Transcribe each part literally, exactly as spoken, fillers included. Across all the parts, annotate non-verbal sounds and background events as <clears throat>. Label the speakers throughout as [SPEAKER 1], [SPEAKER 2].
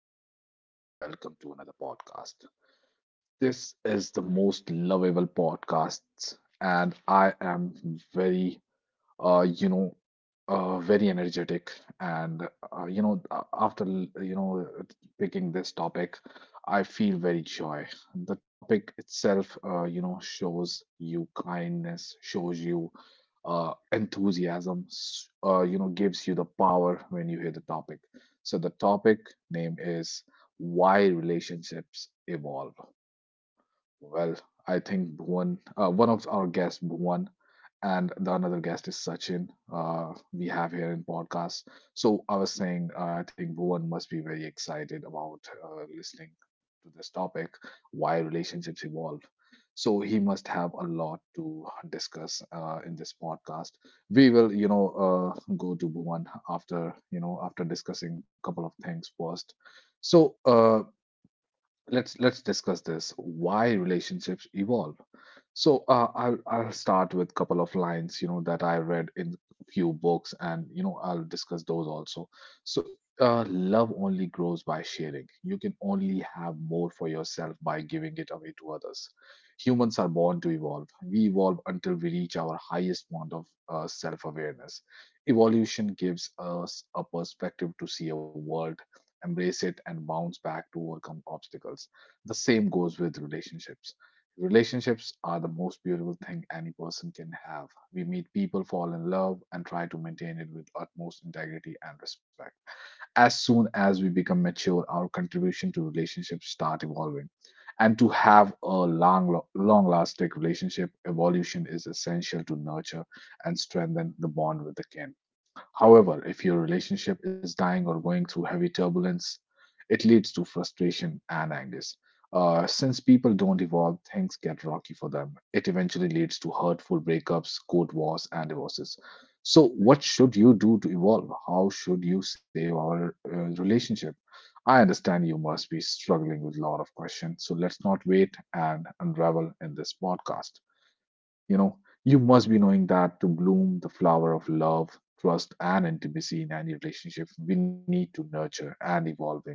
[SPEAKER 1] is Naveen, and welcome to another podcast. This is the most lovable podcast, and I am very uh, you know, uh, very energetic. And, uh, you know, a- after, l- you know, picking this topic, I feel very joy. The topic itself, uh, you know, shows you kindness, shows you uh, enthusiasm, s- uh, you know, gives you the power when you hear the topic. So the topic name is Why Relationships Evolve. Well, I think one uh, one of our guests, Bhuvan, and the another guest is Sachin. Uh, we have here in podcast. So I was saying, uh, I think Bhuvan must be very excited about uh, listening to this topic, why relationships evolve. So he must have a lot to discuss uh, in this podcast. We will, you know, uh, go to Bhuvan after, you know, after discussing a couple of things first. So, uh, let's let's discuss this why relationships evolve. So uh, I'll I'll start with a couple of lines, you know, that I read in few books, and you know I'll discuss those also. So uh, love only grows by sharing. You can only have more for yourself by giving it away to others. Humans are born to evolve. We evolve until we reach our highest point of uh, self-awareness. Evolution gives us a perspective to see a world, embrace it, and bounce back to overcome obstacles. The same goes with relationships. Relationships are the most beautiful thing any person can have. We meet people, fall in love, and try to maintain it with utmost integrity and respect. As soon as we become mature, our contribution to relationships start evolving. And to have a long, long-lasting relationship, evolution is essential to nurture and strengthen the bond with the kin. However, if your relationship is dying or going through heavy turbulence, it leads to frustration and anger. Uh, since people don't evolve, things get rocky for them. It eventually leads to hurtful breakups, court wars, and divorces. So, what should you do to evolve? How should you save our uh, relationship? I understand you must be struggling with a lot of questions, so let's not wait and unravel in this podcast. You know, you must be knowing that to bloom the flower of love, trust, and intimacy in any relationship, we need to nurture and evolving.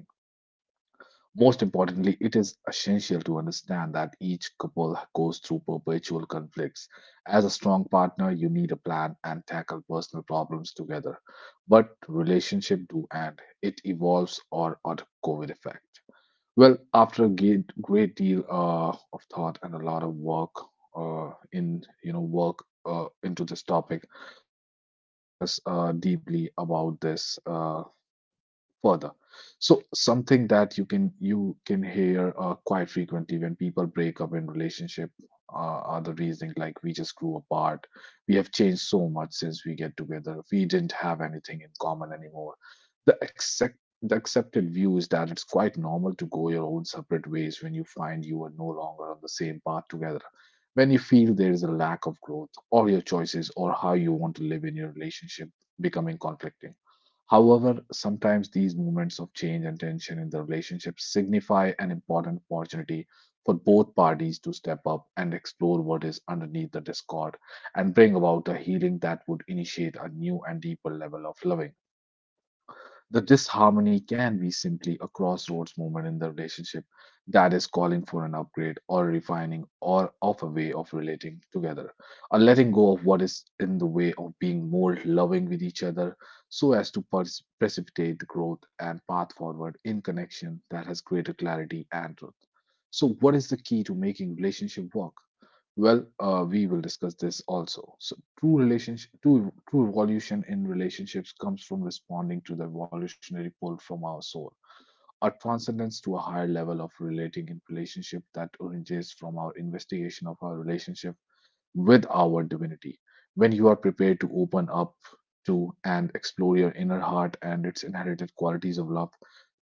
[SPEAKER 1] Most importantly, it is essential to understand that each couple goes through perpetual conflicts. As a strong partner, you need a plan and tackle personal problems together. But relationship do end. It evolves or or the COVID effect. Well, after a great, great deal uh, of thought and a lot of work uh, in, you know, work uh, into this topic, uh, we will discuss uh, deeply about this. Uh, further. So something that you can you can hear uh, quite frequently when people break up in relationship uh, are the reasoning like we just grew apart, we have changed so much since we get together, we didn't have anything in common anymore. The accept the accepted view is that it's quite normal to go your own separate ways when you find you are no longer on the same path together. When you feel there is a lack of growth, or your choices, or how you want to live in your relationship becoming conflicting. However, sometimes these moments of change and tension in the relationship signify an important opportunity for both parties to step up and explore what is underneath the discord and bring about the healing that would initiate a new and deeper level of loving. The disharmony can be simply a crossroads moment in the relationship that is calling for an upgrade or refining or of a way of relating together, a letting go of what is in the way of being more loving with each other so as to pers- precipitate the growth and path forward in connection that has greater clarity and truth. So, what is the key to making relationship work? Well, uh, we will discuss this also. So, true relationship, true, true evolution in relationships comes from responding to the evolutionary pull from our soul, our transcendence to a higher level of relating in relationship that originates from our investigation of our relationship with our divinity. When you are prepared to open up to and explore your inner heart and its inherited qualities of love,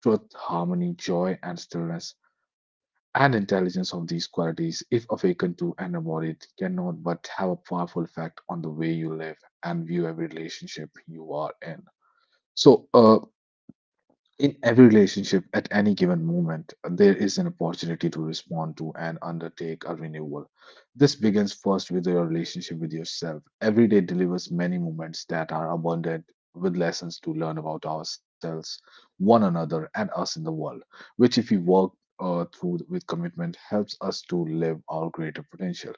[SPEAKER 1] truth, harmony, joy, and stillness, and intelligence of these qualities, if awakened to and embodied, cannot but have a powerful effect on the way you live and view every relationship you are in. So, uh, in every relationship, at any given moment, there is an opportunity to respond to and undertake a renewal. This begins first with your relationship with yourself. Every day delivers many moments that are abundant with lessons to learn about ourselves, one another, and us in the world, which, if we work uh, through with commitment, helps us to live our greater potential.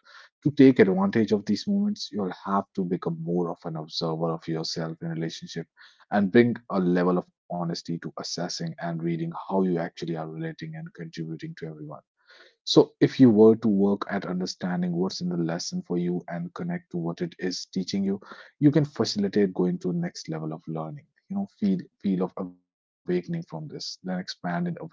[SPEAKER 1] To take advantage of these moments, you'll have to become more of an observer of yourself in relationship and bring a level of honesty to assessing and reading how you actually are relating and contributing to everyone. So, if you were to work at understanding what's in the lesson for you and connect to what it is teaching you, you can facilitate going to the next level of learning. You know, feel feel of awakening from this, then expand in awareness.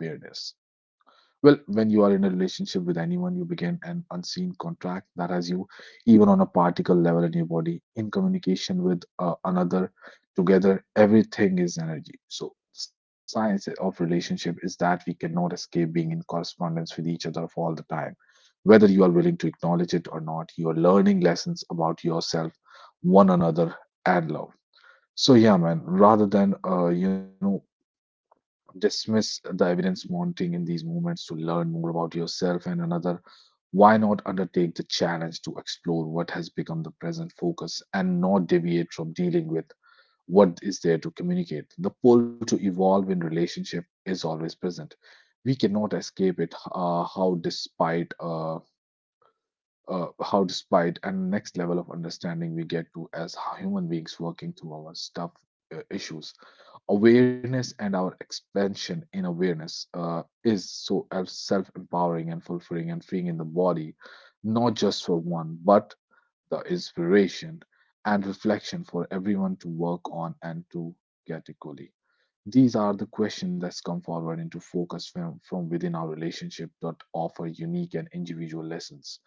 [SPEAKER 1] Well, when you are in a relationship with anyone, you begin an unseen contract that has you, even on a particle level in your body, in communication with uh, another. Together, everything is energy. So, science of relationship is that we cannot escape being in correspondence with each other for all the time. Whether you are willing to acknowledge it or not, you are learning lessons about yourself, one another, and love. So yeah, man. Rather than uh, you know dismiss the evidence mounting in these movements to learn more about yourself and another, why not undertake the challenge to explore what has become the present focus and not deviate from dealing with what is there to communicate? The pull to evolve in relationship is always present. We cannot escape it. Uh, how despite uh, uh, how despite and next level of understanding we get to as human beings working through our stuff uh, issues awareness and our expansion in awareness uh, is so self empowering and fulfilling and freeing in the body, not just for one, but the inspiration and reflection for everyone to work on and to get equally. These are the questions that's come forward into focus from, from within our relationship that offer unique and individual lessons.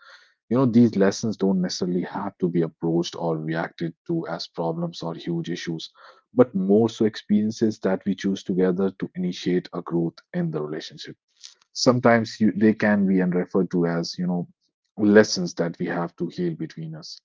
[SPEAKER 1] You know, these lessons don't necessarily have to be approached or reacted to as problems or huge issues, but more so experiences that we choose together to initiate a growth in the relationship. Sometimes you, they can be and referred to as, you know, lessons that we have to heal between us.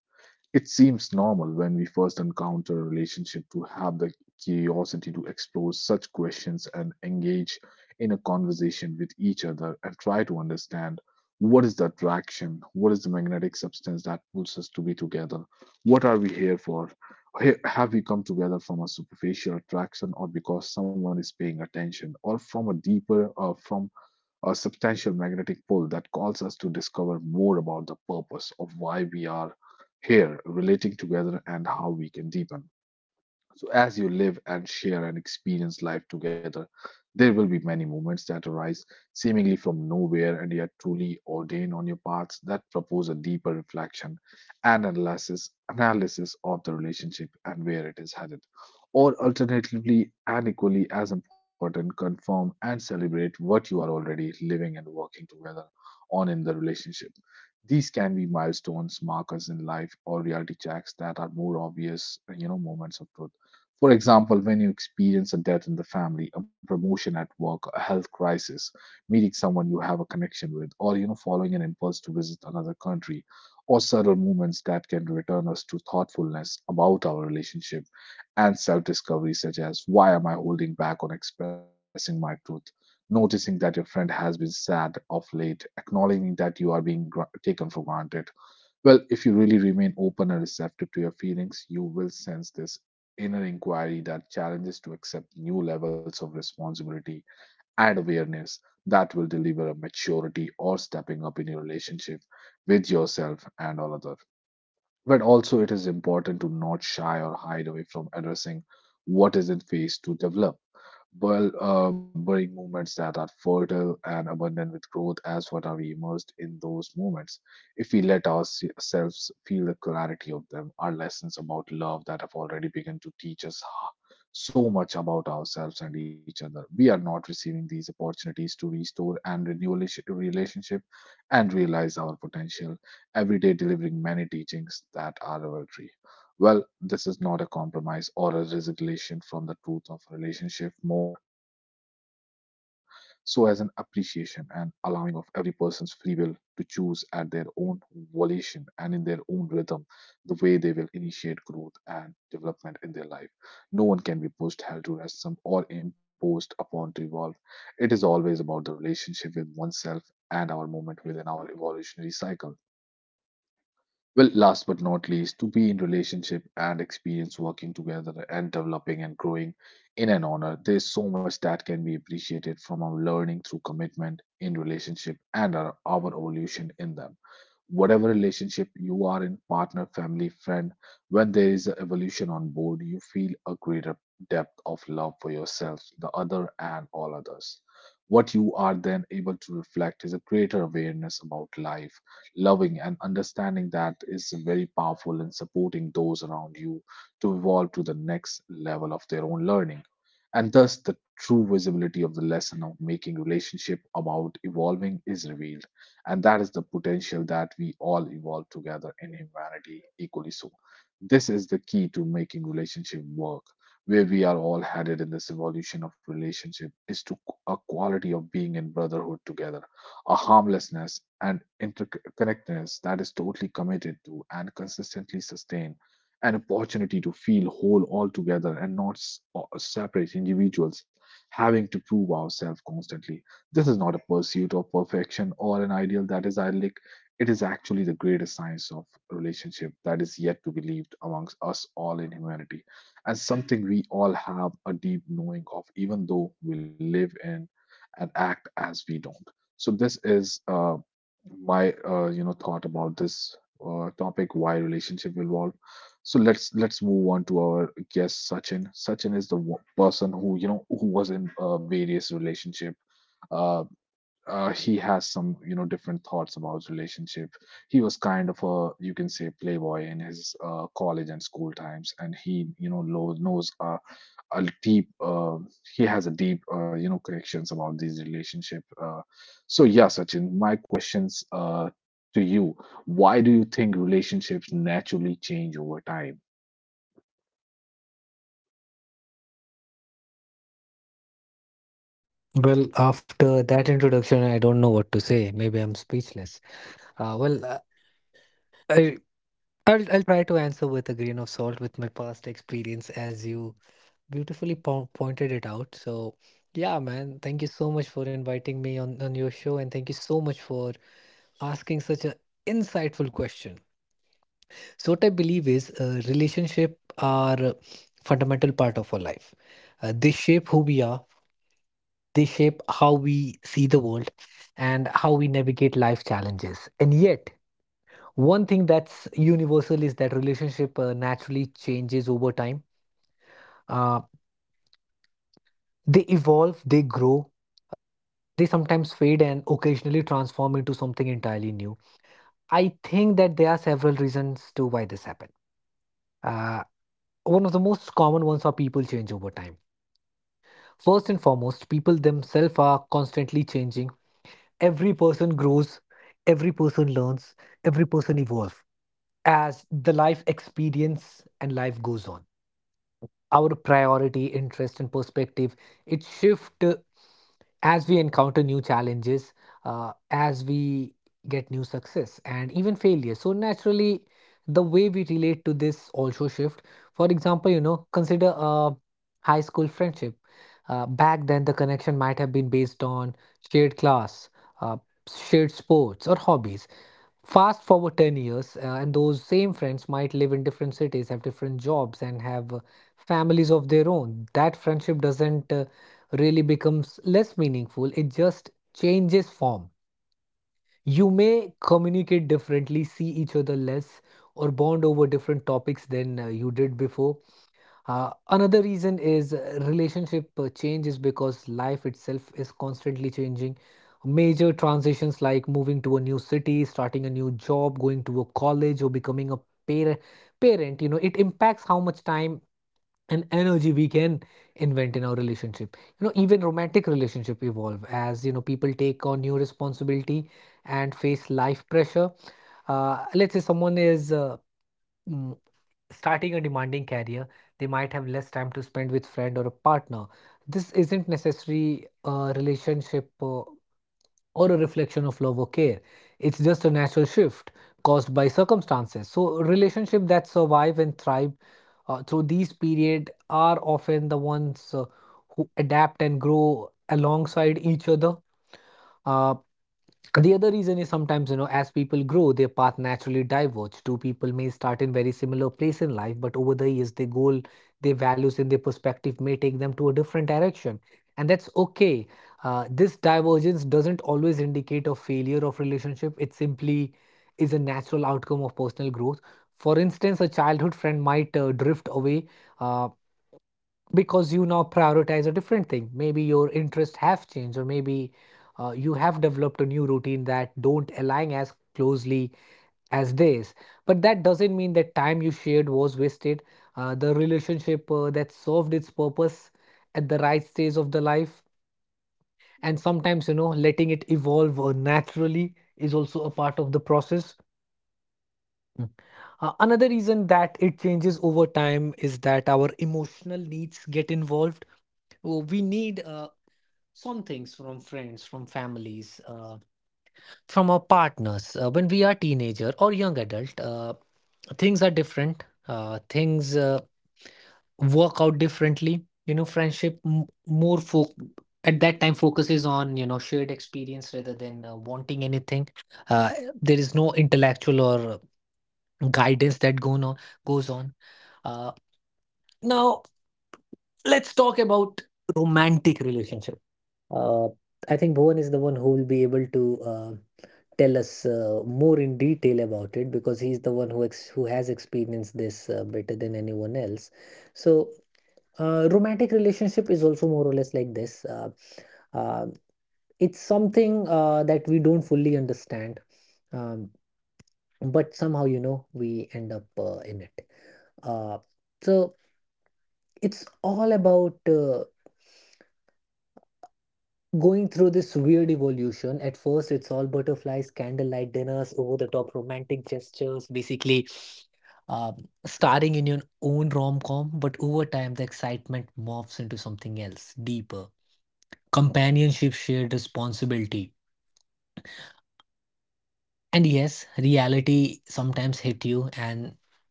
[SPEAKER 1] It seems normal when we first encounter a relationship to have the curiosity to explore such questions and engage in a conversation with each other and try to understand what is the attraction, what is the magnetic substance that pulls us to be together, what are we here for? Ha- Have we come together from a superficial attraction or because someone is paying attention or from a deeper uh, from a substantial magnetic pull that calls us to discover more about the purpose of why we are here, relating together, and how we can deepen. So, as you live and share and experience life together, there will be many moments that arise seemingly from nowhere and yet truly ordained on your paths that propose a deeper reflection and analysis, analysis of the relationship and where it is headed. Or alternatively, and equally as important, confirm and celebrate what you are already living and working together on in the relationship. These can be milestones, markers in life, or reality checks that are more obvious, you know, moments of truth for example, when you experience a death in the family, a promotion at work, a health crisis, meeting someone you have a connection with, or you know, following an impulse to visit another country, or subtle movements that can return us to thoughtfulness about our relationship and self-discovery, such as why am I holding back on expressing my truth? Noticing that your friend has been sad of late, acknowledging that you are being gr- taken for granted, well, if you really remain open and receptive to your feelings, you will sense this inner inquiry that challenges to accept new levels of responsibility and awareness that will deliver a maturity or stepping up in your relationship with yourself and all other. But also, it is important to not shy or hide away from addressing what is in phase to develop. Well, uh, burying movements that are fertile and abundant with growth, as what are we immersed in those moments? If we let ourselves feel the clarity of them, our lessons about love that have already begun to teach us h- so much about ourselves and each other. We are not receiving these opportunities to restore and renew relation- relationship and realize our potential every day delivering many teachings that are revelatory. Well, this is not a compromise or a resignation from the truth of relationship, more so as an appreciation and allowing of every person's free will to choose at their own volition and in their own rhythm the way they will initiate growth and development in their life. No one can be pushed, held to ransom, or imposed upon to evolve. It is always about the relationship with oneself and our movement within our evolutionary cycle. Well, last but not least, to be in relationship and experience working together and developing and growing in an honor, there's so much that can be appreciated from our learning through commitment in relationship and our, our evolution in them, whatever relationship you are in, partner, family, friend. When there is an evolution on board, you feel a greater depth of love for yourself, the other, and all others. What you are then able to reflect is a greater awareness about life, loving and understanding that is very powerful in supporting those around you to evolve to the next level of their own learning, and thus the true visibility of the lesson of making relationship about evolving is revealed, and that is the potential that we all evolve together in humanity equally so. This is the key to making relationship work. Where we are all headed in this evolution of relationship is to a quality of being in brotherhood together, a harmlessness and interconnectedness that is totally committed to and consistently sustained, an opportunity to feel whole all together and not s- or separate individuals having to prove ourselves constantly. This is not a pursuit of perfection or an ideal that is idyllic. It is actually the greatest science of relationship that is yet to be lived amongst us all in humanity, and something we all have a deep knowing of, even though we live in and act as we don't. So this is uh, my uh, you know thought about this uh, topic: why relationship evolve. So let's let's move on to our guest Sachin. Sachin is the wo- person who you know who was in uh, various relationship. uh, uh, he has some you know different thoughts about relationship. He was kind of a, you can say, playboy in his uh, college and school times, and he you know lo- knows uh, a deep uh, he has a deep uh, you know connections about these relationship. Uh, so yeah, Sachin, my questions uh, to you: why do you think relationships naturally change over time?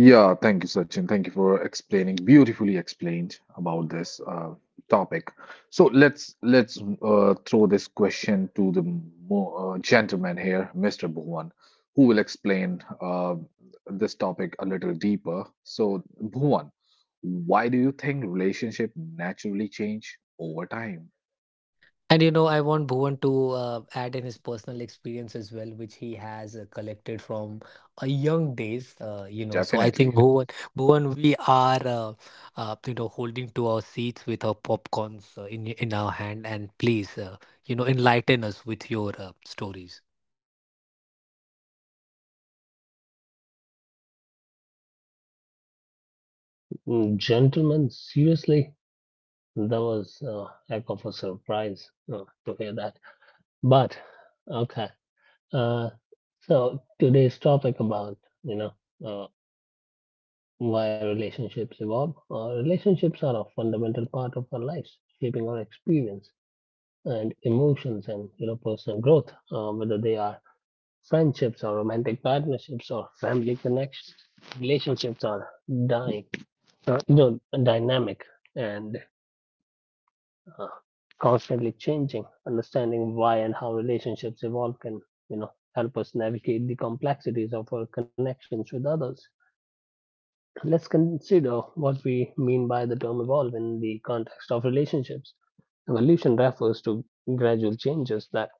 [SPEAKER 1] Yeah, thank you, Sachin. Thank you for explaining, beautifully explained about this uh, topic. So let's let's uh, throw this question to the mo uh, gentleman here, Mister Bhuvan, who will explain uh, this topic a little deeper. So, Bhuvan, why do you think relationship naturally change over time? Definitely.
[SPEAKER 2] Mm, Gentlemen, seriously, that was a heck of a surprise uh, to hear that. But okay, uh, so today's topic about you know uh, why relationships evolve. Uh, relationships are a fundamental part of our lives, shaping our experience and emotions and you know personal growth. Uh, whether they are friendships or romantic partnerships or family connections, relationships are dying, uh, you know, dynamic and uh, constantly changing, understanding why and how relationships evolve can you know help us navigate the complexities of our connections with others. Let's consider what we mean by the term evolve in the context of relationships. Evolution refers to gradual changes that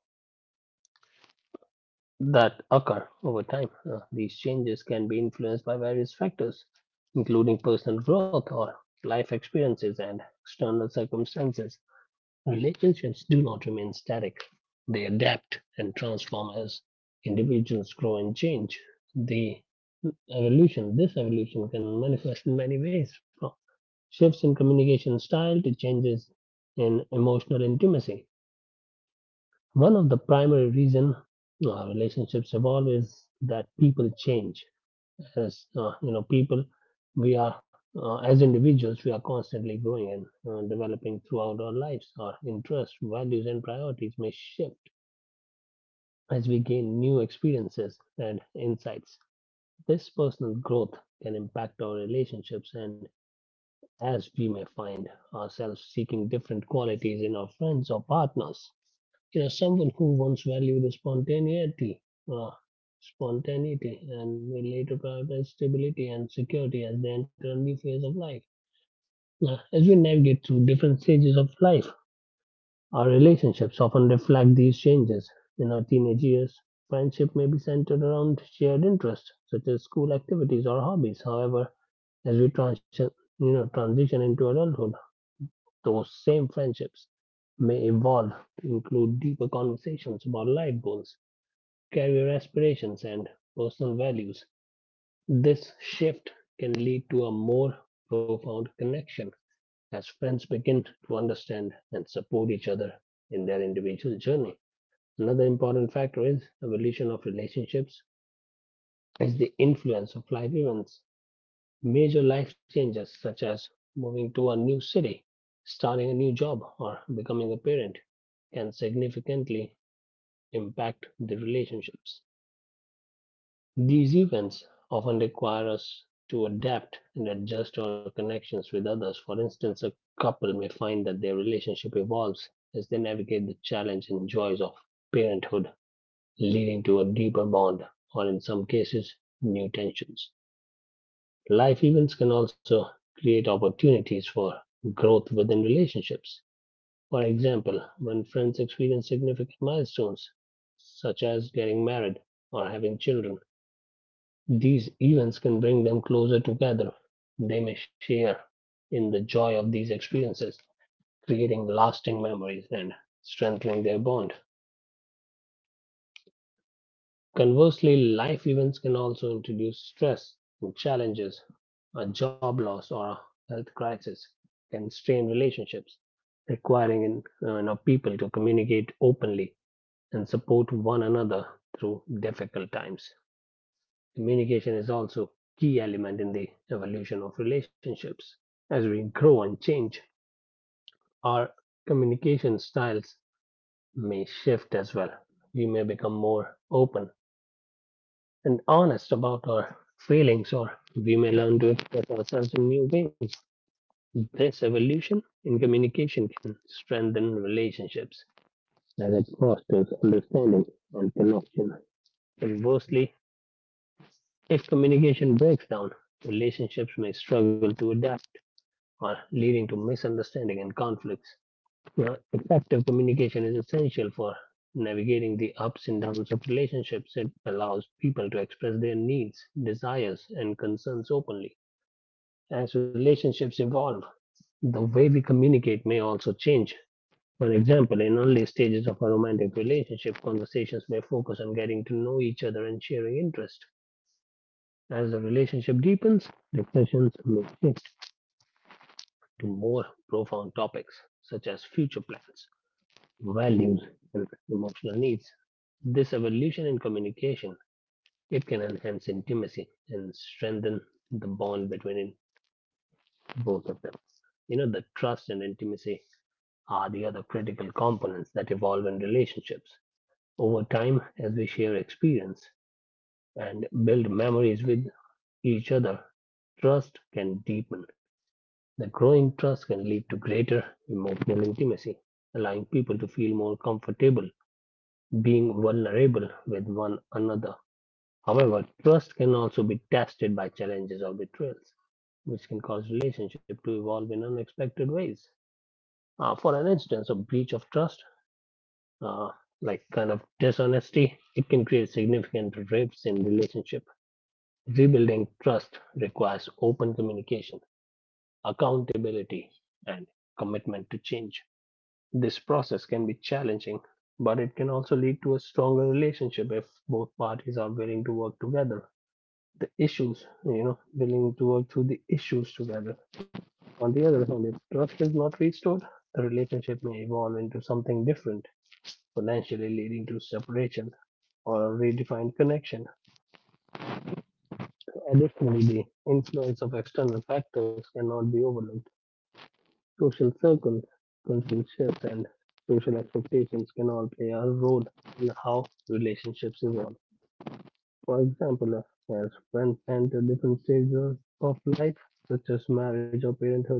[SPEAKER 2] that occur over time. Uh, these changes can be influenced by various factors including personal growth or life experiences and external circumstances. Relationships do not remain static, they adapt and transform as individuals grow and change. The evolution, this evolution can manifest in many ways, from shifts in communication style to changes in emotional intimacy. One of the primary reasons our relationships evolve is that people change. As uh, you know people we are, uh, as individuals, we are constantly growing and uh, developing throughout our lives. Our interests, values, and priorities may shift as we gain new experiences and insights. This personal growth can impact our relationships, and as we may find ourselves seeking different qualities in our friends or partners. You know, someone who once valued spontaneity, uh, spontaneity, and will later prioritize stability and security as they enter a new phase of life. Now, as we navigate through different stages of life, our relationships often reflect these changes. In our teenage years, friendship may be centered around shared interests such as school activities or hobbies. However, as we transition, you know, transition into adulthood, those same friendships may evolve to include deeper conversations about life goals, career aspirations, and personal values. This shift can lead to a more profound connection as friends begin to understand and support each other in their individual journey. Another important factor is evolution of relationships is the influence of life events. Major life changes such as moving to a new city, starting a new job, or becoming a parent can significantly impact the relationships. These events often require us to adapt and adjust our connections with others. For instance, a couple may find that their relationship evolves as they navigate the challenge and joys of parenthood, leading to a deeper bond or, in some cases, new tensions. Life events can also create opportunities for growth within relationships. For example, when friends experience significant milestones, such as getting married or having children, these events can bring them closer together; they may share in the joy of these experiences, creating lasting memories and strengthening their bond. Conversely, life events can also introduce stress and challenges. A job loss or a health crisis can strain relationships, requiring in- uh, you know, people to communicate openly and support one another through difficult times. Communication is also a key element in the evolution of relationships. As we grow and change, our communication styles may shift as well. We may become more open and honest about our feelings, or we may learn to express ourselves in new ways. This evolution in communication can strengthen relationships as it fosters understanding and connection. Conversely, if communication breaks down, relationships may struggle to adapt or leading to misunderstanding and conflicts. Now, effective communication is essential for navigating the ups and downs of relationships. It allows people to express their needs, desires, and concerns openly. As relationships evolve, the way we communicate may also change. For example, in early stages of a romantic relationship, conversations may focus on getting to know each other and sharing interests. As the relationship deepens, discussions may shift to more profound topics such as future plans, values, and emotional needs. This evolution in communication, it can enhance intimacy and strengthen the bond between both of them. You know, the trust and intimacy are the other critical components that evolve in relationships. Over time, as we share experience and build memories with each other, trust can deepen. That growing trust can lead to greater emotional intimacy, allowing people to feel more comfortable being vulnerable with one another. However, trust can also be tested by challenges or betrayals, which can cause relationship to evolve in unexpected ways. Uh, for an instance, a breach of trust, uh, like kind of dishonesty, it can create significant rifts in relationship. Rebuilding trust requires open communication, accountability, and commitment to change. This process can be challenging, but it can also lead to a stronger relationship if both parties are willing to work together. The issues, you know, willing to work through the issues together. On the other hand, if trust is not restored, the relationship may evolve into something different, potentially leading to separation or a redefined connection. So additionally, the influence of external factors cannot be overlooked. Social circles, cultural shifts, and social expectations can all play a role in how relationships evolve. For example, as friends enter different stages of life, such as marriage or parenthood,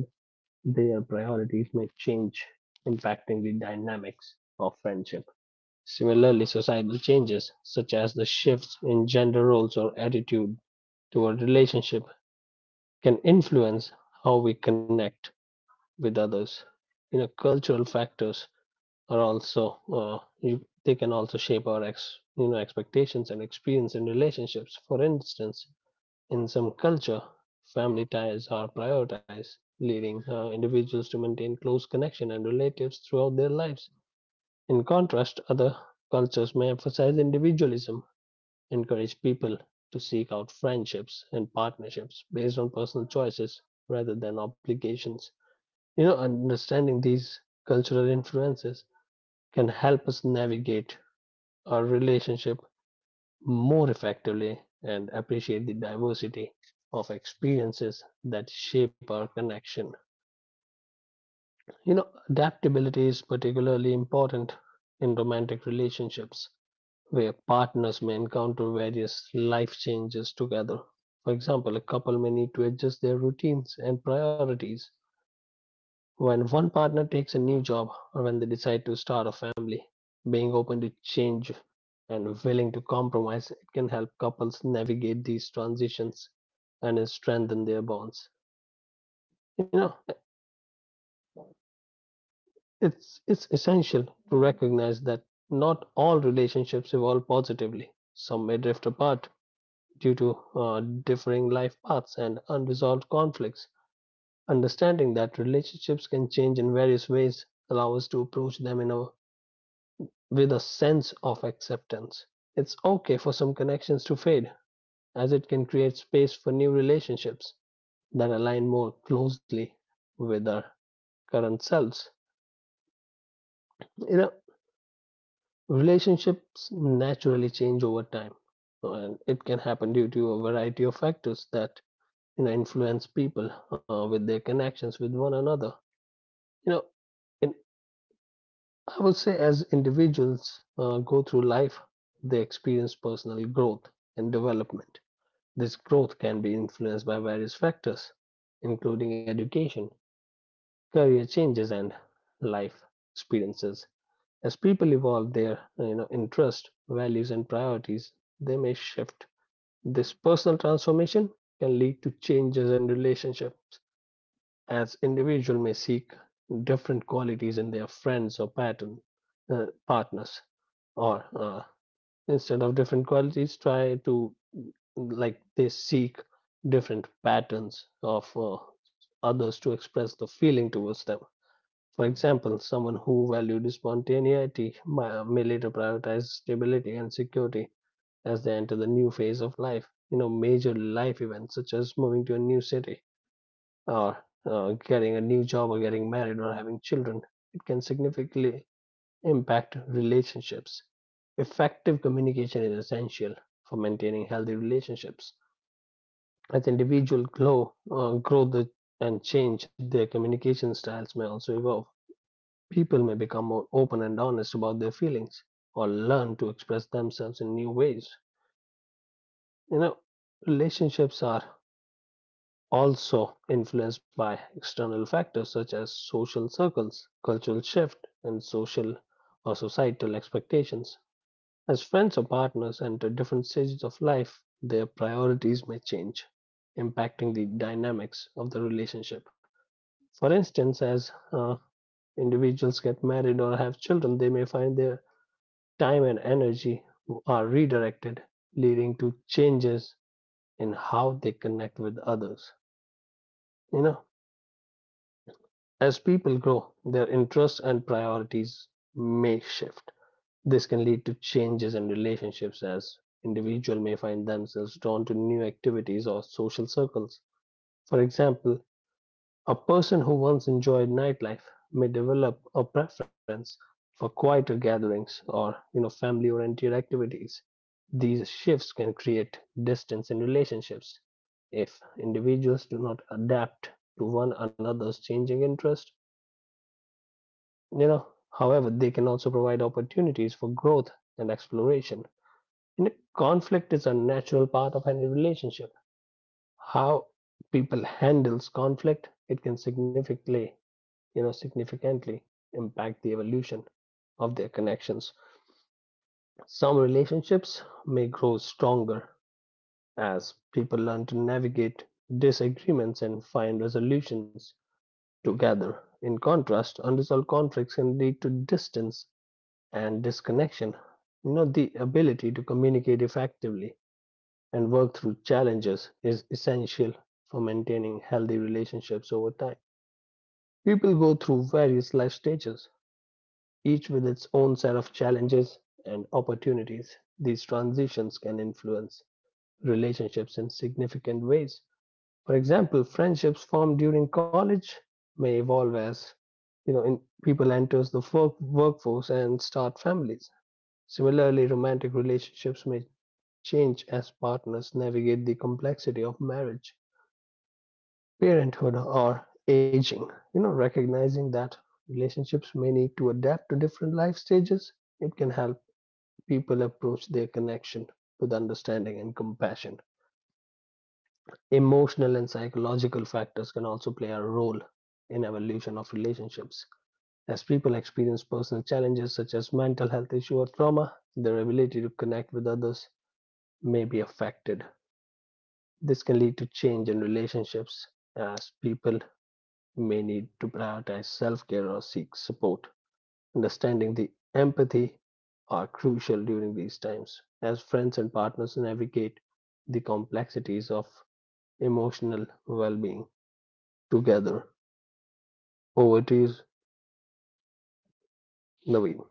[SPEAKER 2] their priorities may change, impacting the dynamics of friendship. Similarly, societal changes, such as the shifts in gender roles or attitude toward relationship, can influence how we connect with others. You know, cultural factors are also uh, you, they can also shape our ex, you know expectations and experience in relationships. For instance, in some culture, family ties are prioritized, leading uh, individuals to maintain close connection and relatives throughout their lives. In contrast, other cultures may emphasize individualism, encourage people to seek out friendships and partnerships based on personal choices rather than obligations. You know, understanding these cultural influences can help us navigate our relationship more effectively and appreciate the diversity of experiences that shape our connection. You know, adaptability is particularly important in romantic relationships where partners may encounter various life changes together. For example, a couple may need to adjust their routines and priorities when one partner takes a new job or when they decide to start a family. Being open to change and willing to compromise, it can help couples navigate these transitions and strengthen their bonds. You know, it's it's essential to recognize that not all relationships evolve positively. Some may drift apart due to uh, differing life paths and unresolved conflicts. Understanding that relationships can change in various ways allow us to approach them in a, with a sense of acceptance. It's okay for some connections to fade, as it can create space for new relationships that align more closely with our current selves. You know, relationships naturally change over time, and it can happen due to a variety of factors that you know influence people uh, with their connections with one another. You know, in I would say as individuals uh, go through life, they experience personal growth and development. This growth can be influenced by various factors, including education, career changes, and life experiences. As people evolve their, you know, interests, values, and priorities, they may shift. This personal transformation can lead to changes in relationships, as individuals may seek different qualities in their friends or pattern uh, partners, or uh, instead of different qualities try to, like, they seek different patterns of uh, others to express the feeling towards them. For example, someone who valued spontaneity may may later prioritize stability and security as they enter the new phase of life. You know, major life events such as moving to a new city or uh, getting a new job or getting married or having children, it can significantly impact relationships. Effective communication is essential for maintaining healthy relationships. As individuals grow uh, grow the, and change, their communication styles may also evolve. People may become more open and honest about their feelings or learn to express themselves in new ways. You know, relationships are also influenced by external factors such as social circles, cultural shift, and social or societal expectations. As friends or partners enter different stages of life, their priorities may change, impacting the dynamics of the relationship. For instance, as uh, individuals get married or have children, they may find their time and energy are redirected, leading to changes in how they connect with others. You know, as people grow, their interests and priorities may shift. This can lead to changes in relationships as individuals may find themselves drawn to new activities or social circles. For example, a person who once enjoyed nightlife may develop a preference for quieter gatherings or, you know family oriented activities. These shifts can create distance in relationships if individuals do not adapt to one another's changing interests. You know, however, they can also provide opportunities for growth and exploration. And conflict is a natural part of any relationship. How people handles conflict, it can significantly, you know, significantly impact the evolution of their connections. Some relationships may grow stronger as people learn to navigate disagreements and find resolutions together. In contrast, unresolved conflicts can lead to distance and disconnection. You know, the ability to communicate effectively and work through challenges is essential for maintaining healthy relationships over time. People go through various life stages, each with its own set of challenges and opportunities. These transitions can influence relationships in significant ways. For example, friendships formed during college may evolve as you know in people enters the work, workforce and start families. Similarly, romantic relationships may change as partners navigate the complexity of marriage. Parenthood or aging, you know, recognizing that relationships may need to adapt to different life stages, it can help people approach their connection with understanding and compassion. Emotional and psychological factors can also play a role in evolution of relationships. As people experience personal challenges such as mental health issue or trauma, their ability to connect with others may be affected. This can lead to change in relationships as people may need to prioritize self care or seek support. Understanding the empathy are crucial during these times as friends and partners navigate the complexities of emotional well being together. Over to you, Naveen.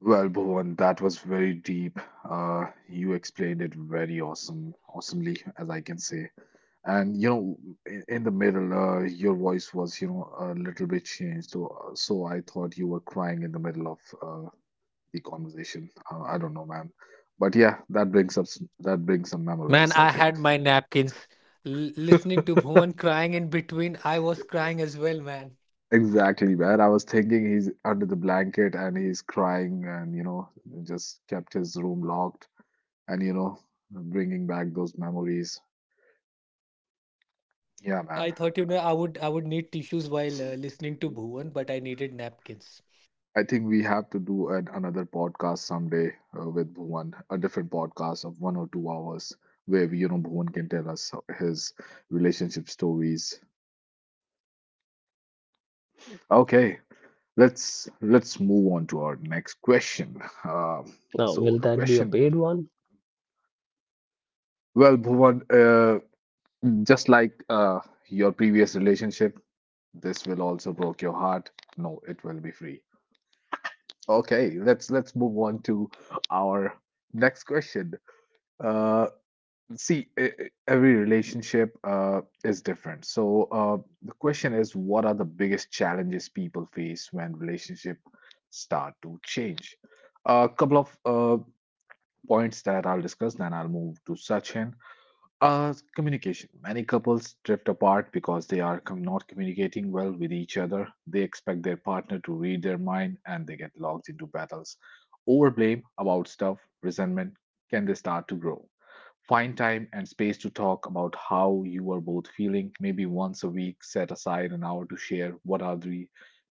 [SPEAKER 1] Well, Bhuvan, that was very deep. Uh, you explained it very awesome, awesomely, as I can say. And you know, in, in the middle, uh, your voice was, you know, a little bit changed. So, uh, so I thought you were crying in the middle of uh, the conversation. Uh, I don't know, man. But yeah, that brings up s- that brings some memories, I think. Exactly, man. I was thinking he's under the blanket and he's crying, and you know, just kept his room locked, and you know, bringing back those memories. Yeah, man. I think we have to do an, another podcast someday uh, with Bhuvan, a different podcast of one or two hours where we, you know Bhuvan can tell us his relationship stories. Okay, let's let's move on to our next question. Um
[SPEAKER 2] Now, will
[SPEAKER 1] so the
[SPEAKER 2] that be a
[SPEAKER 1] question,
[SPEAKER 2] paid one?
[SPEAKER 1] well, Bhuvan, uh, just like uh, your previous relationship, this will also broke your heart. No, it will be free. Okay, let's let's move on to our next question. Uh, See, e- e- every relationship uh, is different. So uh, the question is, what are the biggest challenges people face when relationship start to change? A couple of uh, points that I'll discuss, then I'll move to Sachin. Uh, communication. Many couples drift apart because they are com- not communicating well with each other. They expect their partner to read their mind, and they get locked into battles over blame about stuff, resentment. Can they start to grow? Find time and space to talk about how you are both feeling. Maybe once a week, set aside an hour to share what are the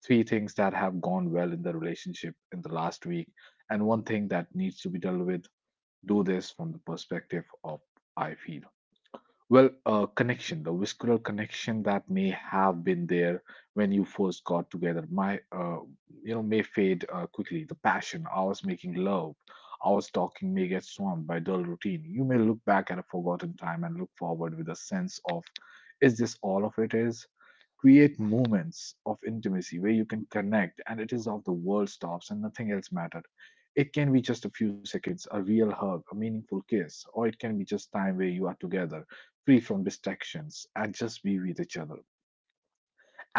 [SPEAKER 1] three things that have gone well in the relationship in the last week and one thing that needs to be dealt with. Do this from the perspective of I feel. Well, uh, connection, the visceral connection that may have been there when you first got together, my, uh, you know, may fade uh, quickly. The passion, hours making love, hours talking may get swamped by dull routine. You may look back at a forgotten time and look forward with a sense of, is this all of it is? Create moments of intimacy where you can connect and it is of the world stops and nothing else mattered. It can be just a few seconds, a real hug, a meaningful kiss, or it can be just time where you are together, free from distractions, and just be with each other.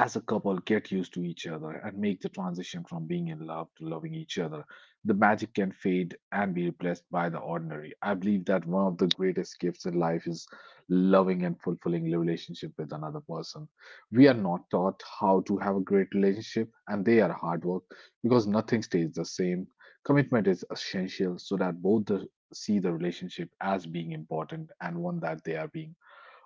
[SPEAKER 1] As a couple get used to each other and make the transition from being in love to loving each other, the magic can fade and be replaced by the ordinary. I believe that one of the greatest gifts in life is loving and fulfilling the relationship with another person. We are not taught how to have a great relationship, and they are hard work because nothing stays the same. Commitment is essential so that both the, see the relationship as being important and one that they are being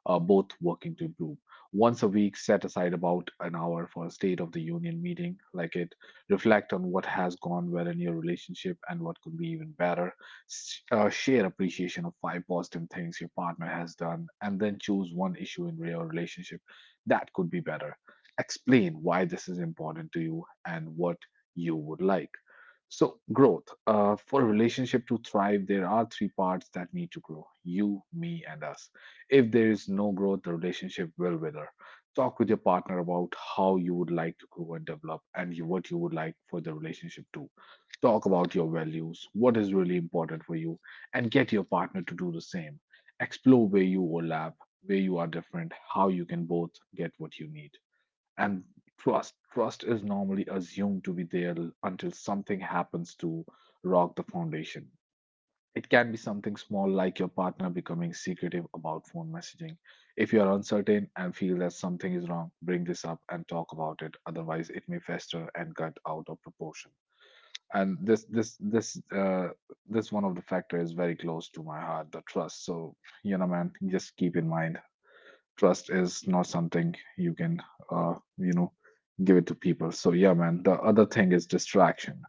[SPEAKER 1] uh, both working to improve. Once a week, set aside about an hour for a State of the Union meeting like it. Reflect on what has gone well in your relationship and what could be even better. S- uh, share appreciation of five positive things your partner has done, and then choose one issue in your relationship that could be better. Explain why this is important to you and what you would like. So, growth. Uh, for a relationship to thrive, there are three parts that need to grow: you, me, and us. If there is no growth, the relationship will wither. Talk with your partner about how you would like to grow and develop and you, what you would like for the relationship to. Talk about your values, what is really important for you, and get your partner to do the same. Explore where you overlap, where you are different, how you can both get what you need. And trust trust is normally assumed to be there until something happens to rock the foundation. It can be something small like your partner becoming secretive about phone messaging. If you are uncertain and feel that something is wrong, bring this up and talk about it. Otherwise, it may fester and cut out of proportion. And this this this uh, this one of the factor is very close to my heart, the trust. So you know, man, just keep in mind trust is not something you can uh, you know give it to people. So yeah, man, the other thing is distraction.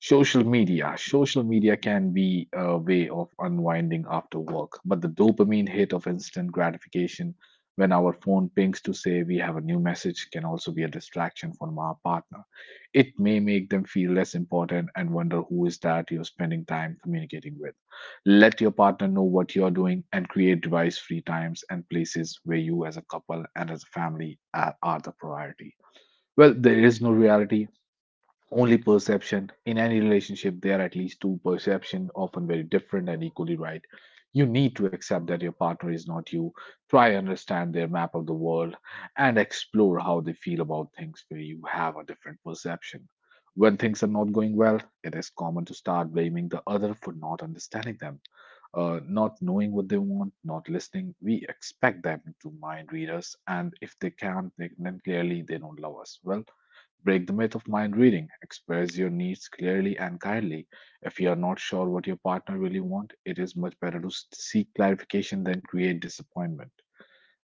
[SPEAKER 1] Social media social media can be a way of unwinding after work, but the dopamine hit of instant gratification when our phone pings to say we have a new message can also be a distraction from our partner. It may make them feel less important and wonder who is that you're spending time communicating with. Let your partner know what you're doing and create device free times and places where you, as a couple and as a family, are, are the priority. Well, there is no reality, only perception in any relationship. There are at least two perception often very different and equally right. You need to accept that your partner is not you. Try and understand their map of the world and explore how they feel about things where you have a different perception. When things are not going well, it is common to start blaming the other for not understanding them, uh, not knowing what they want, not listening. We expect them to mind read us, and if they can't, they, then clearly they don't love us. Well, break the myth of mind reading. Express your needs clearly and kindly. If you are not sure what your partner really wants, it is much better to s- seek clarification than create disappointment.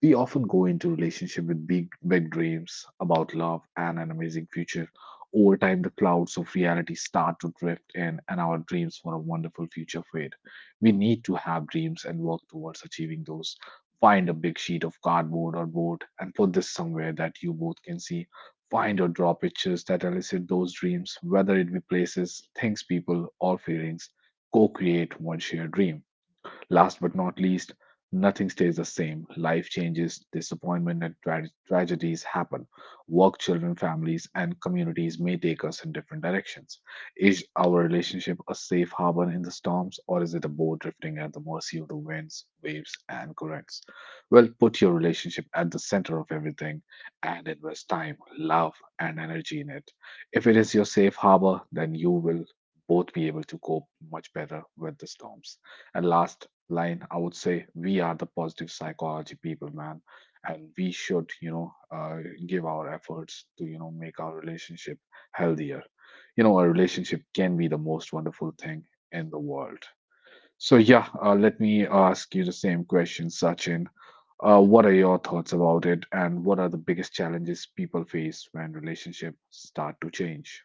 [SPEAKER 1] We often go into relationship with big, big dreams about love and an amazing future. Over time, the clouds of reality start to drift in, and our dreams for a wonderful future fade. We need to have dreams and work towards achieving those. Find a big sheet of cardboard or board and put this somewhere that you both can see. Find or draw pictures that elicit those dreams, whether it be places, things, people, or feelings. Co create one shared dream. Last but not least, nothing stays the same. Life changes, disappointment and tra- tragedies happen. Work, children, families, and communities may take us in different directions. Is our relationship a safe harbor in the storms, or is it a boat drifting at the mercy of the winds, waves, and currents? Well, put your relationship at the center of everything and invest time, love, and energy in it. If it is your safe harbor, then you will both be able to cope much better with the storms. And last line, I would say we are the positive psychology people, man, and we should, you know, uh, give our efforts to, you know, make our relationship healthier. You know, a relationship can be the most wonderful thing in the world. So yeah, uh, let me ask you the same question, Sachin. Uh, what are your thoughts about it, and what are the biggest challenges people face when relationships start to change?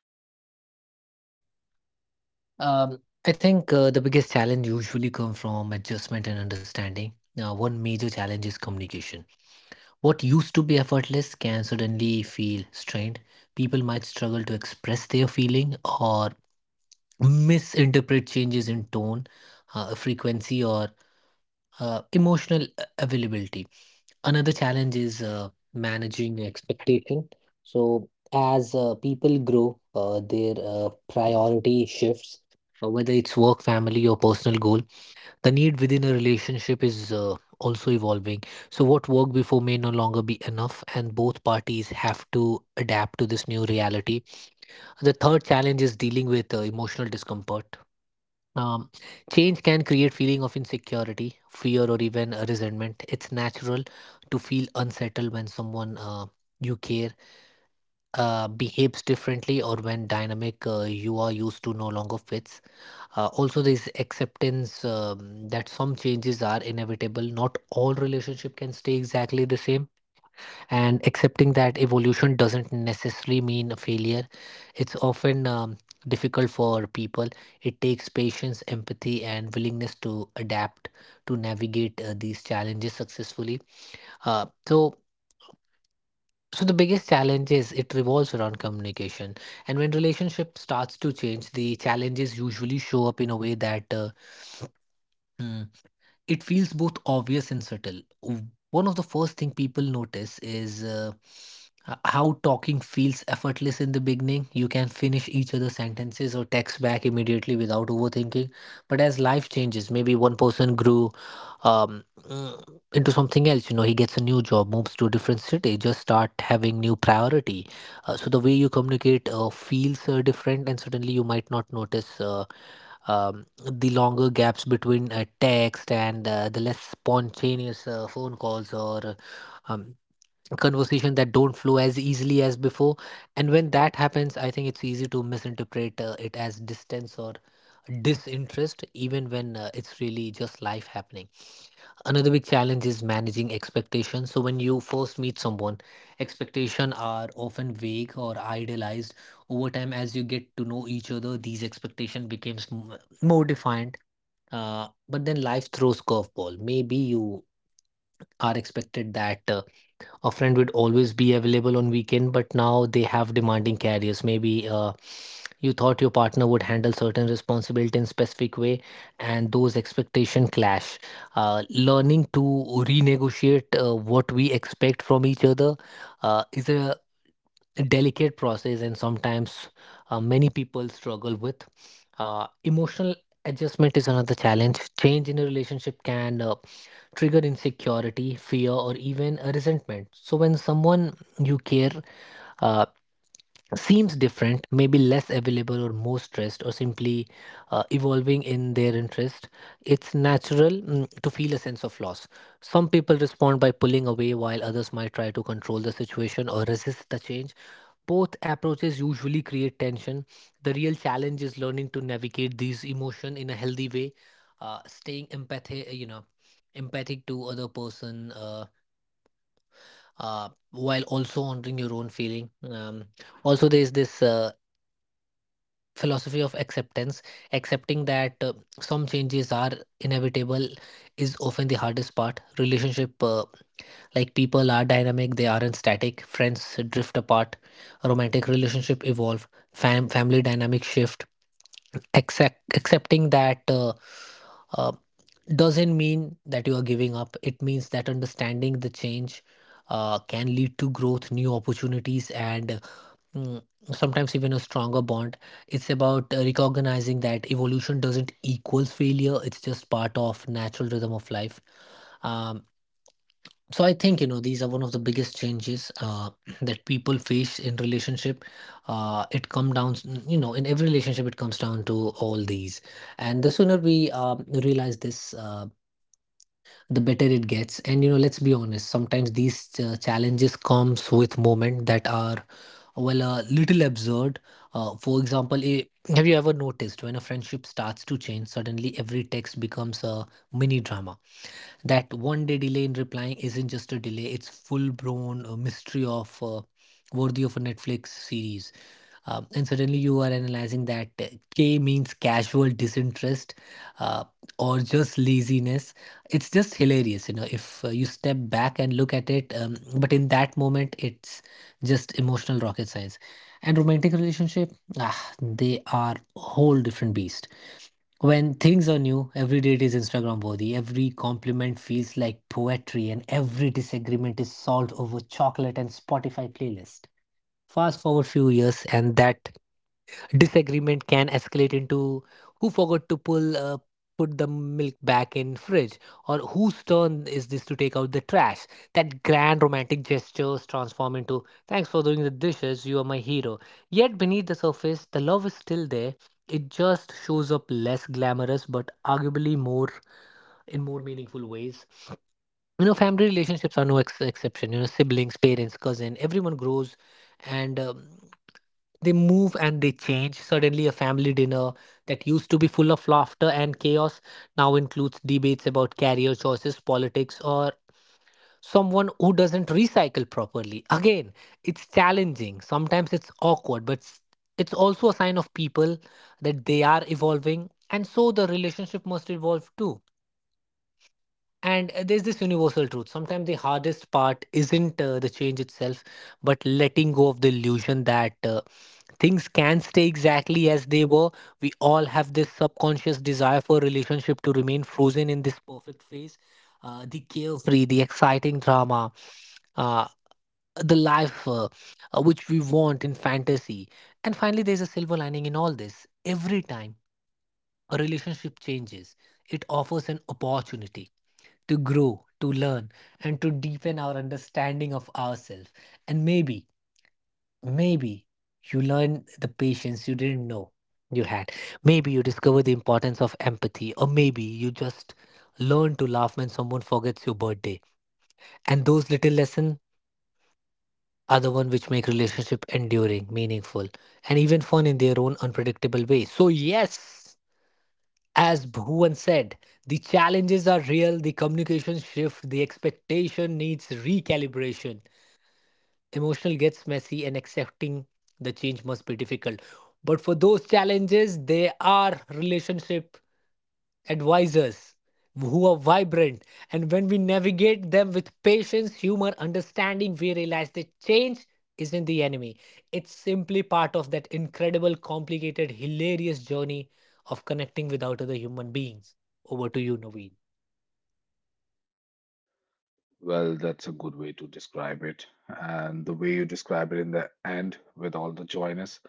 [SPEAKER 1] Well, that's a good way to describe it. And the way you describe it in the end with all the joyness.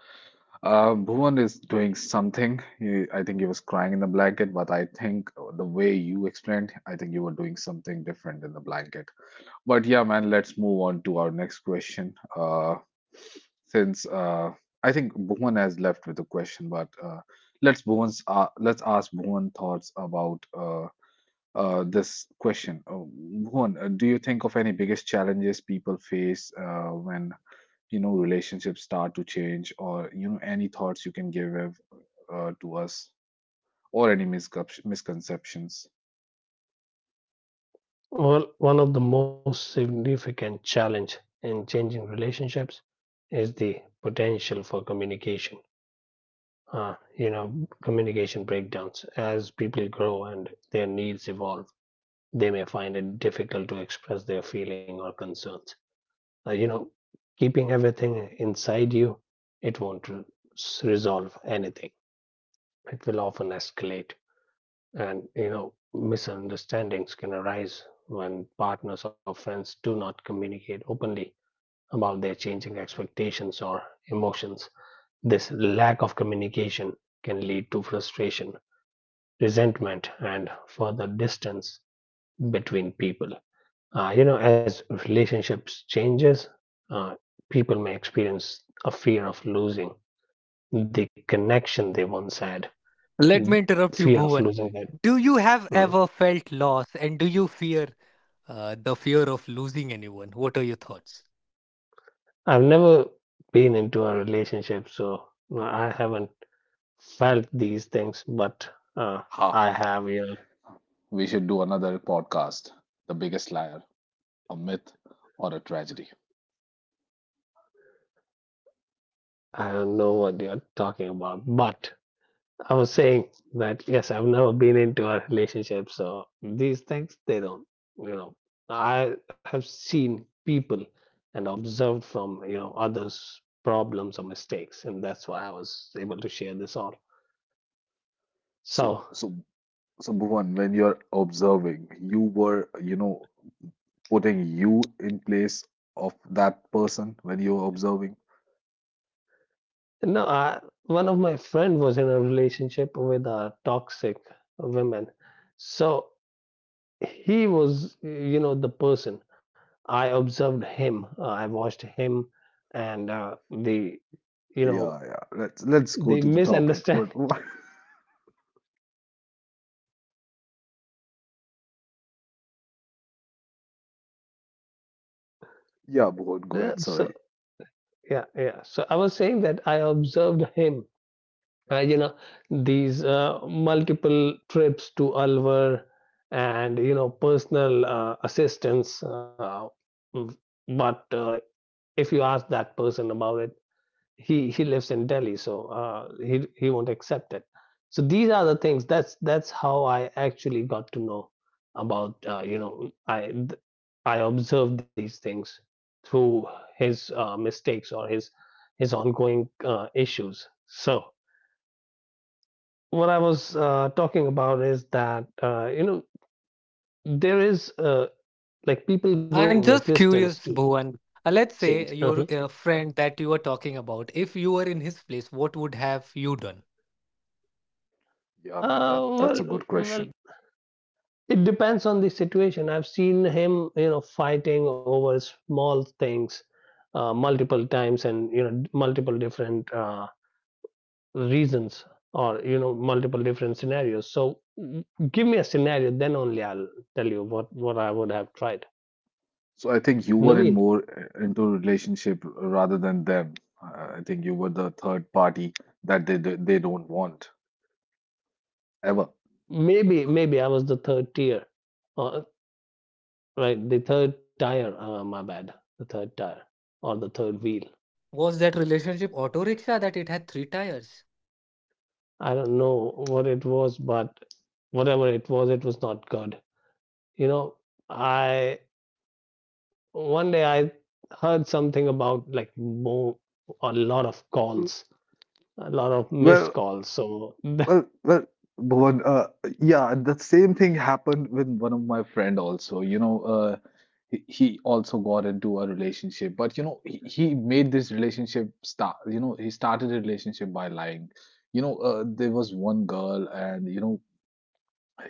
[SPEAKER 1] Uh, Bhuvan is doing something. He, I think he was crying in the blanket, but I think the way you explained, I think you were doing something different in the blanket. But yeah, man, let's move on to our next question. Uh, since uh, I think Bhuvan has left with a question, but uh, let's Bhuvan's uh, let's ask Bhuvan thoughts about uh, uh, this question. Uh, Bhuvan, uh, do you think of any biggest challenges people face uh, when you know relationships start to change, or you know any thoughts you can give uh, to us, or any miscep- misconceptions?
[SPEAKER 2] Well, one of the most significant challenge in changing relationships is the potential for communication uh, you know, communication breakdowns. As people grow and their needs evolve, they may find it difficult to express their feeling or concerns. Uh, you know, Keeping everything inside you, it won't r- s- resolve anything. It will often escalate, and you know, misunderstandings can arise when partners or friends do not communicate openly about their changing expectations or emotions. This lack of communication can lead to frustration resentment and further distance between people. Uh, you know, as relationships changes, uh, people may experience a fear of losing the connection they once had, mm, fear of losing that. Mm. I've never been into a relationship, so no, I haven't felt these things, but uh,
[SPEAKER 1] Ha!
[SPEAKER 2] I have, you know,
[SPEAKER 1] We should do another podcast. The biggest liar, a myth, or a tragedy.
[SPEAKER 2] I don't know what you're talking about, but I was saying that yes, I've never been into a relationship, so these things they don't. You know, I have seen people and observed from you know others' problems or mistakes, and that's why I was able to share this all. So
[SPEAKER 1] So, so, so, Bhuvan, when you're observing, you were you know putting you in place of that person when you're observing.
[SPEAKER 2] no, I, one of my friend was in a relationship with a toxic woman, so he was you know the person. I observed him, uh, I watched him, and uh, the you know
[SPEAKER 1] Yeah, yeah. Let's let's go
[SPEAKER 2] they
[SPEAKER 1] to the topic.
[SPEAKER 2] misunderstand.
[SPEAKER 1] What,
[SPEAKER 2] <laughs>
[SPEAKER 1] what? <laughs> Yeah, Mohan, go ahead.
[SPEAKER 2] So
[SPEAKER 1] Sorry.
[SPEAKER 2] yeah, yeah. So I was saying that I observed him. Uh, you know these uh, multiple trips to Alwar and you know personal uh, assistance. Uh, mm, but uh, if you ask that person about it, he he lives in Delhi, so uh, he he won't accept it. So these are the things. That's that's how I actually got to know about uh, you know I I observed these things through his uh, mistakes or his his ongoing uh, issues. So what I was uh, talking about is that uh, you know there is uh, like people grow resistance to change. Uh-huh.
[SPEAKER 1] Yeah, man,
[SPEAKER 2] Uh,
[SPEAKER 1] that that's a
[SPEAKER 2] well,
[SPEAKER 1] good
[SPEAKER 2] well,
[SPEAKER 1] question.
[SPEAKER 2] it depends on the situation. I've seen him, you know, fighting over small things uh, multiple times and, you know, multiple different uh, reasons or, you know, multiple different scenarios. So mm, give me a scenario, then only I'll tell you what, what I would have tried.
[SPEAKER 1] So I think you were in
[SPEAKER 2] Naveen,
[SPEAKER 1] more uh, into relationship rather than them. Uh, I think you were the third party that they they they don't want ever.
[SPEAKER 2] maybe, maybe I was the third tier, uh, right? The third tire, uh, my bad, the third tire or the third wheel. I don't know what it was, but whatever it was, it was not good. You know, I one day I heard something about like more a lot of calls a lot of missed
[SPEAKER 1] Well,
[SPEAKER 2] calls so <laughs>
[SPEAKER 1] Well, well, Bhuvan, uh, yeah, the same thing happened with one of my friend also. You know, uh, he, he also got into a relationship, but you know, he, he made this relationship start. You know, he started a relationship by lying. You know, uh, there was one girl, and you know,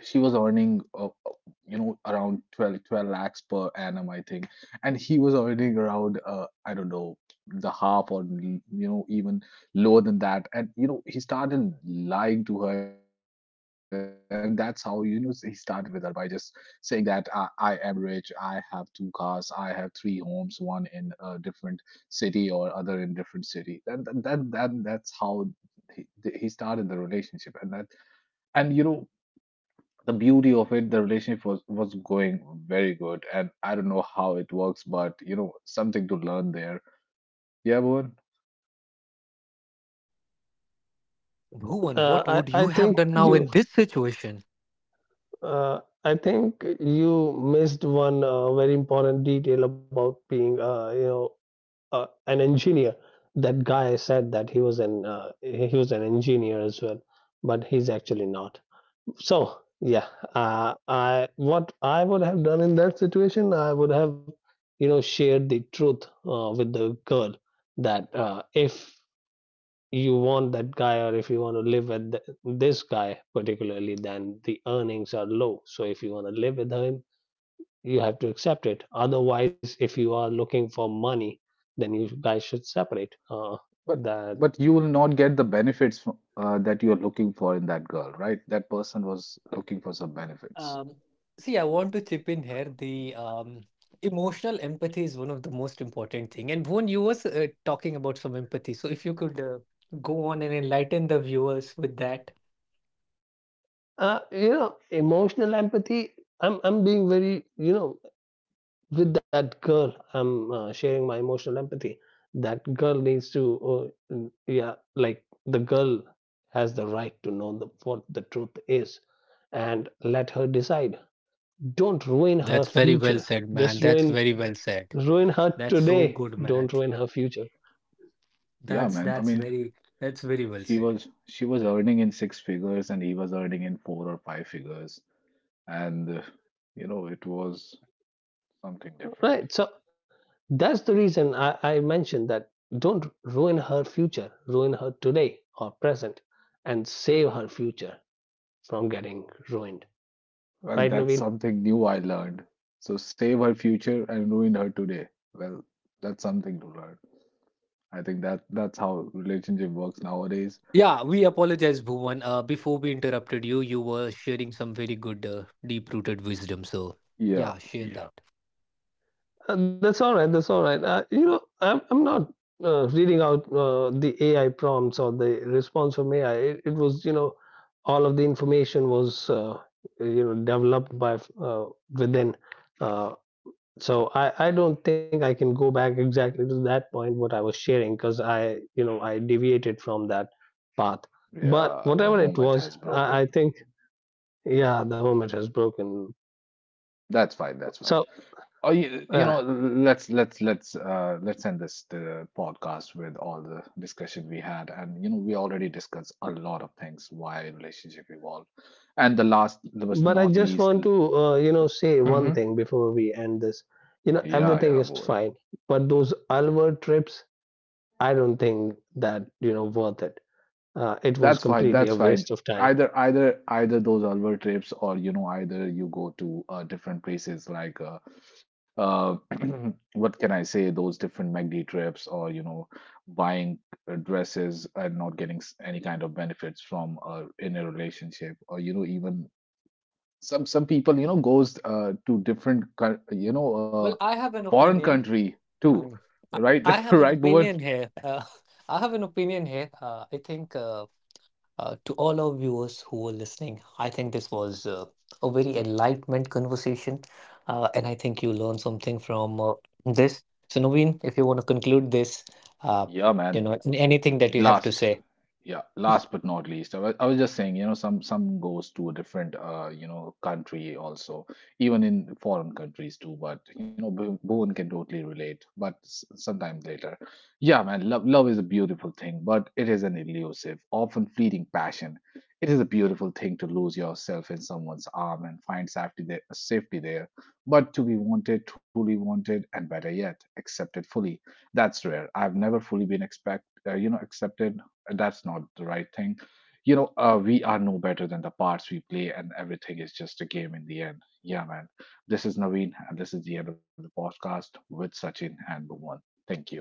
[SPEAKER 1] she was earning uh, uh, you know around twelve, twelve lakhs per annum, I think, and he was earning around uh, I don't know, the half or you know even lower than that, and you know he started lying to her, and that's how you know he started relationship with her by just saying that i, I am rich, I have two cars, I have three homes, one in a different city or other in different city, that that that, that that's how he, he started the relationship, and that and you know the beauty of it, the relationship was was going very good, and I don't know how it works, but you know, something to learn there. Yeah, Bhuvan.
[SPEAKER 2] uh, i i think you uh, I think you missed one uh, very important detail about being uh, you know uh, an engineer. That guy said that he was an uh, he was an engineer as well, but he's actually not. So yeah, uh, I what I would have done in that situation, I would have, you know, shared the truth uh, with the girl that uh, if you want that guy or if you want to live with th- this guy particularly, then the earnings are low. So if you want to live with him, you have to accept it. Otherwise, if you are looking for money, then you guys should separate. Uh,
[SPEAKER 1] But
[SPEAKER 2] that
[SPEAKER 1] but you will not get the benefits fro- uh, that you are looking for in that girl, right? That person was looking for some benefits.
[SPEAKER 2] uh, you know, emotional empathy. I'm I'm being very you know with that girl I'm uh, sharing my emotional empathy. That girl needs to uh, mm, yeah, like the girl has the right to know the, what the truth is, and let her decide. Don't ruin her future, just ruin ruin her today, don't ruin her future,
[SPEAKER 1] Yeah, man. I mean, She was she was earning in six figures and he was earning in four or five figures. And uh, you know, it was something different.
[SPEAKER 2] right? So that's the reason i, I mentioned that don't ruin her future, ruin her today or present, and save her future from getting ruined, right
[SPEAKER 1] Well, that's
[SPEAKER 2] Naveen?
[SPEAKER 1] something new I learned. So save her future and ruin her today. Well, that's something to learn. I think that that's how relationship works nowadays. Yeah,
[SPEAKER 2] Uh, That's all right. That's all right. Uh, you know, I'm I'm not uh, reading out uh, the A I prompts or the response from A I. It, it was, you know, all of the information was, uh, you know, developed by uh, within. Uh, so I I don't think I can go back exactly to that point what I was sharing because I you know I deviated from that path. But
[SPEAKER 1] yeah, the
[SPEAKER 2] whatever it
[SPEAKER 1] moment
[SPEAKER 2] was,
[SPEAKER 1] has
[SPEAKER 2] I, I
[SPEAKER 1] broken.
[SPEAKER 2] think yeah, the hermit has broken.
[SPEAKER 1] That's fine. That's fine.
[SPEAKER 2] So.
[SPEAKER 1] Oh, you, you
[SPEAKER 2] uh,
[SPEAKER 1] know, let's let's let's uh, let's end this the podcast with all the discussion we had, and you know, we already discussed a lot of things why relationship evolve, and the last, the was
[SPEAKER 2] But I
[SPEAKER 1] not
[SPEAKER 2] just
[SPEAKER 1] least,
[SPEAKER 2] want to, uh, you know, say one
[SPEAKER 1] hmm
[SPEAKER 2] thing before we end this. You know,
[SPEAKER 1] yeah, yeah,
[SPEAKER 2] everything is
[SPEAKER 1] boy.
[SPEAKER 2] fine, but those Alwar trips, I don't think that, you know, worth it. Uh, it
[SPEAKER 1] That's
[SPEAKER 2] was
[SPEAKER 1] fine.
[SPEAKER 2] completely
[SPEAKER 1] That's
[SPEAKER 2] a
[SPEAKER 1] fine.
[SPEAKER 2] waste of time.
[SPEAKER 1] Either either either those Alwar trips or you know either you go to uh, different places like uh, uh <clears throat> what can I say, those different M A C D trips or you know buying uh, dresses and not getting s- any kind of benefits from uh, in a relationship or you know even some some people you know goes uh, to different coun- you know uh, foreign country too, right? <laughs> Right, Bhuvan? Yeah, man. Last, yeah, last but not least, I was, I was just saying, you know, some some goes to a different, uh, you know, country also, even in foreign countries too. But you know, Bhu- Bhuvan can totally relate. But s- sometime later, yeah, man, love love is a beautiful thing, but it is an elusive, often fleeting passion. It is a beautiful thing to lose yourself in someone's arm and find safety there, safety there. But to be wanted, truly wanted, and better yet, accepted fully, that's rare. I've never fully been expect uh, you know accepted. Uh, that's not the right thing. You know, uh, we are no better than the parts we play, and everything is just a game in the end. Yeah, man. This is Naveen, and this is the end of the podcast with Sachin and Bhuvan. Thank you.